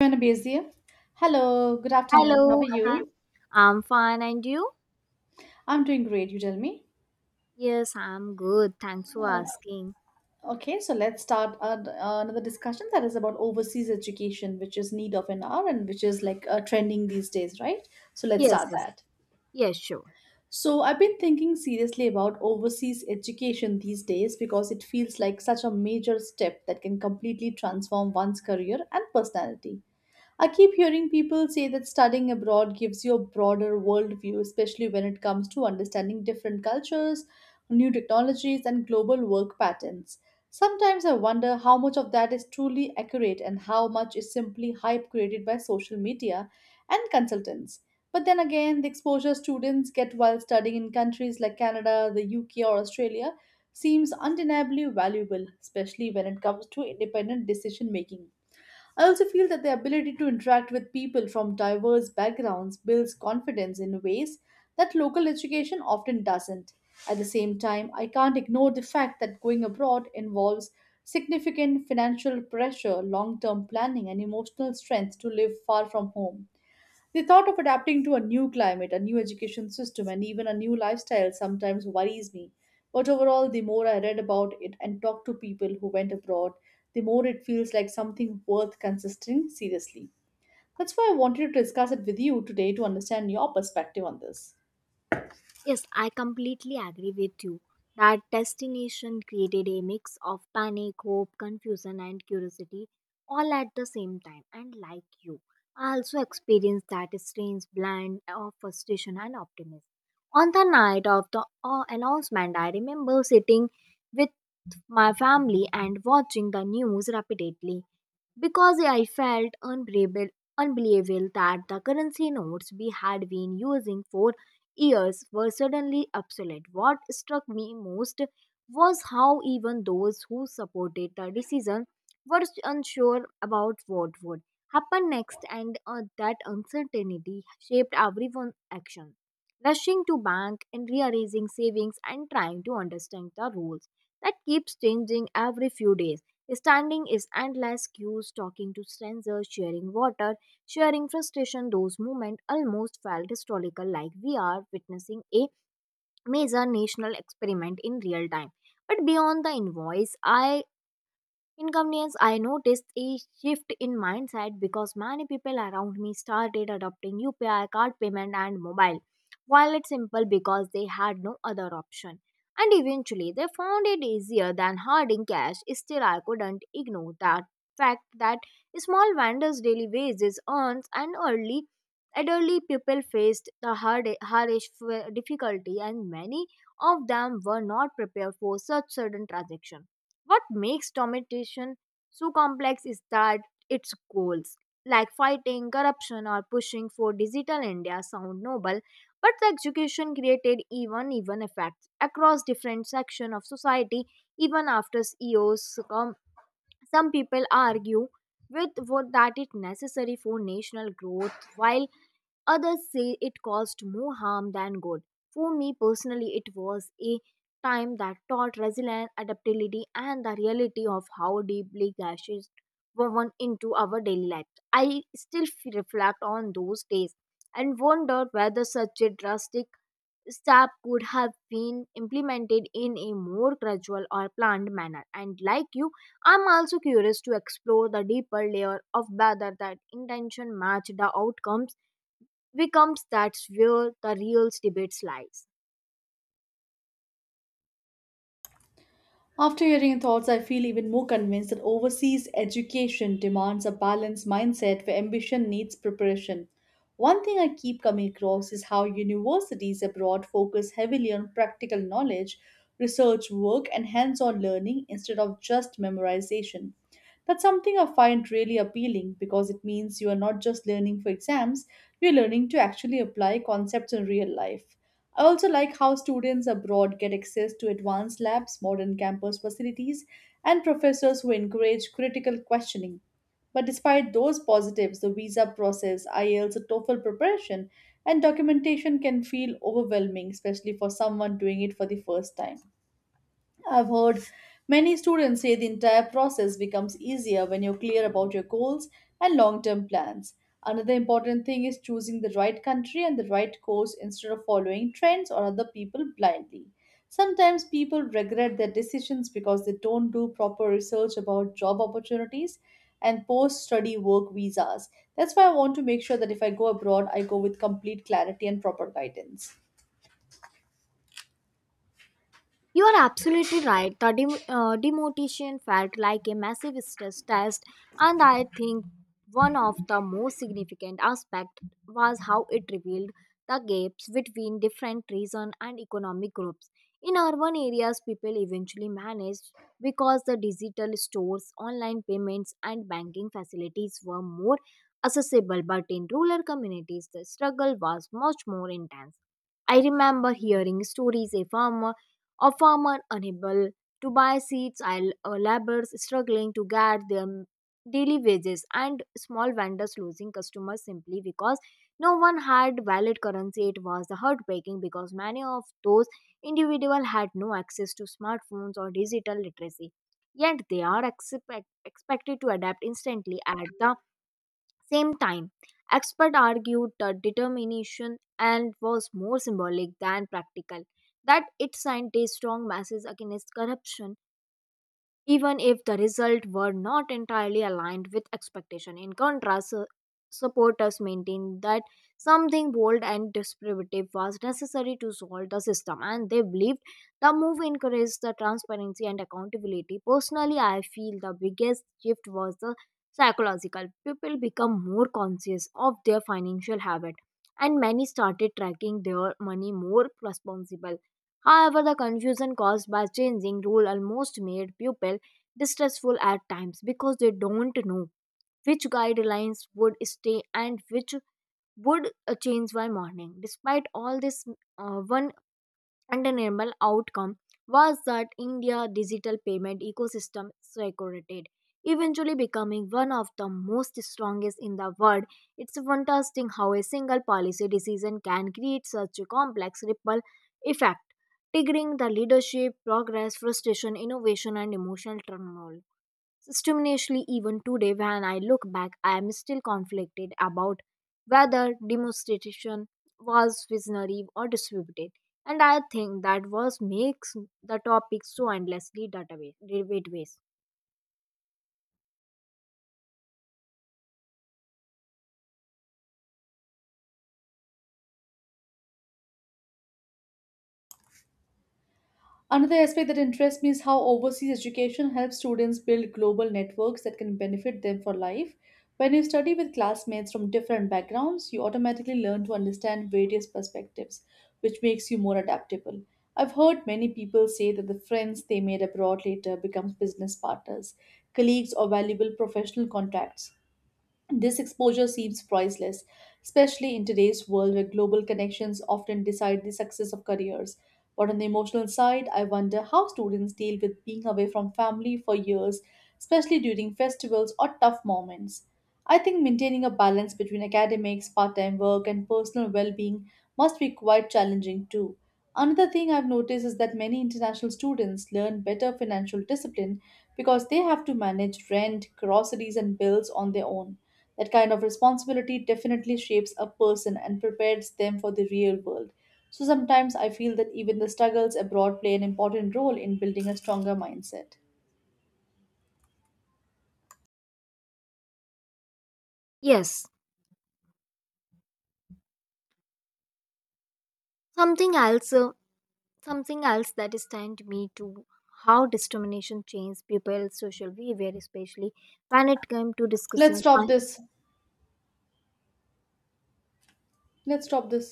Joanna. Hello, good afternoon. How are Hello, hi. you? I'm fine, and you? I'm doing great, you tell me. Yes, I'm good. Thanks for Uh, asking. okay, so let's start another discussion that is about overseas education, which is need of an hour and which is like trending these days, right? So let's Yes, start yes, that. yes, sure. So I've been thinking seriously about overseas education these days because it feels like such a major step that can completely transform one's career and personality. I keep hearing people say that studying abroad gives you a broader worldview, especially when it comes to understanding different cultures, new technologies, and global work patterns. Sometimes I wonder how much of that is truly accurate and how much is simply hype created by social media and consultants. But then again, the exposure students get while studying in countries like Canada, the UK, or Australia seems undeniably valuable, especially when it comes to independent decision making. I also feel that the ability to interact with people from diverse backgrounds builds confidence in ways that local education often doesn't. At the same time, I can't ignore the fact that going abroad involves significant financial pressure, long term planning, and emotional strength to live far from home. The thought of adapting to a new climate, a new education system, and even a new lifestyle sometimes worries me. But overall, the more I read about it and talk to people who went abroad, the more it feels like something worth considering seriously. That's why I wanted to discuss it with you today to understand your perspective on this. Yes, I completely agree with you that destination created a mix of panic, hope, confusion, and curiosity all at the same time. And like you, I also experienced that strange blend of frustration and optimism. On the night of the announcement, I remember sitting with my family and watching the news repeatedly because I felt unbelievable, unbelievable that the currency notes we had been using for years were suddenly obsolete. What struck me most was how even those who supported the decision were unsure about what would happen next, and that uncertainty shaped everyone's action. Rushing to bank and rearranging savings and trying to understand the rules that keeps changing every few days. Standing is endless queues, talking to strangers, sharing water, sharing frustration. Those moments almost felt historical, like we are witnessing a major national experiment in real time. But beyond the invoice, I inconvenience, I noticed a shift in mindset because many people around me started adopting UPI card payment and mobile wallet simple because they had no other option. And eventually, they found it easier than hoarding cash. Still, I couldn't ignore that fact that small vendors' daily wages earns and early elderly people faced the hard, hardest difficulty, and many of them were not prepared for such sudden transaction. What makes domination so complex is that its goals, like fighting corruption or pushing for digital India, sound noble, but the execution created even effects across different sections of society. Even after EOs, come, some people argue with what that is necessary for national growth, while others say it caused more harm than good. For me personally, it was a time that taught resilience, adaptability, and the reality of how deeply gashes were woven into our daily life. I still reflect on those days and wonder whether such a drastic step could have been implemented in a more gradual or planned manner. And like you, I'm also curious to explore the deeper layer of whether that intention matched the outcomes becomes that's where the real debate lies. After hearing your thoughts, I feel even more convinced that overseas education demands a balanced mindset where ambition needs preparation. One thing I keep coming across is how universities abroad focus heavily on practical knowledge, research work, and hands on learning instead of just memorization. That's something I find really appealing because it means you are not just learning for exams, you're learning to actually apply concepts in real life. I also like how students abroad get access to advanced labs, modern campus facilities, and professors who encourage critical questioning. But despite those positives, the visa process, IELTS, and TOEFL preparation, and documentation can feel overwhelming, especially for someone doing it for the first time. I've heard many students say the entire process becomes easier when you're clear about your goals and long term plans. Another important thing is choosing the right country and the right course instead of following trends or other people blindly. Sometimes people regret their decisions because they don't do proper research about job opportunities and post study work visas. That's why I want to make sure that if I go abroad, I go with complete clarity and proper guidance. You are absolutely right. The demotation felt like a massive stress test, and I think one of the most significant aspects was how it revealed the gaps between different region and economic groups. In urban areas, people eventually managed because the digital stores, online payments, and banking facilities were more accessible. But in rural communities, the struggle was much more intense. I remember hearing stories a farmer unable to buy seeds and laborers struggling to get their daily wages and small vendors losing customers simply because no one had valid currency. It was the heartbreaking because many of those individuals had no access to smartphones or digital literacy, yet they are expected to adapt instantly at the same time, experts argued that determination and was more symbolic than practical, that it sent a strong message against corruption even if the result were not entirely aligned with expectation. In contrast, supporters maintained that something bold and disruptive was necessary to solve the system, and they believed the move encouraged the transparency and accountability. Personally, I feel the biggest shift was the psychological. People become more conscious of their financial habit, and many started tracking their money more responsible. However, the confusion caused by changing rule almost made people distressful at times because they don't know which guidelines would stay and which would change by morning. Despite all this, one undeniable outcome was that India's digital payment ecosystem saturated, eventually becoming one of the most strongest in the world. It's fantastic how a single policy decision can create such a complex ripple effect, triggering the leadership, progress, frustration, innovation, and emotional turmoil. Systematically, even today, when I look back, I am still conflicted about whether demonstration was visionary or distributed. And I think that was makes the topic so endlessly database debatabase. Another aspect that interests me is how overseas education helps students build global networks that can benefit them for life. When you study with classmates from different backgrounds, you automatically learn to understand various perspectives, which makes you more adaptable. I've heard many people say that the friends they made abroad later become business partners, colleagues, or valuable professional contacts. This exposure seems priceless, especially in today's world where global connections often decide the success of careers. But on the emotional side, I wonder how students deal with being away from family for years, especially during festivals or tough moments. I think maintaining a balance between academics, part time work, and personal well being must be quite challenging too. Another thing I've noticed is that many international students learn better financial discipline because they have to manage rent, groceries, and bills on their own. That kind of responsibility definitely shapes a person and prepares them for the real world. So sometimes I feel that even the struggles abroad play an important role in building a stronger mindset. Yes, something else, uh, something else that stunned me to how discrimination changed people's social behavior, especially when it came to Let's discussing stop this. Let's stop this.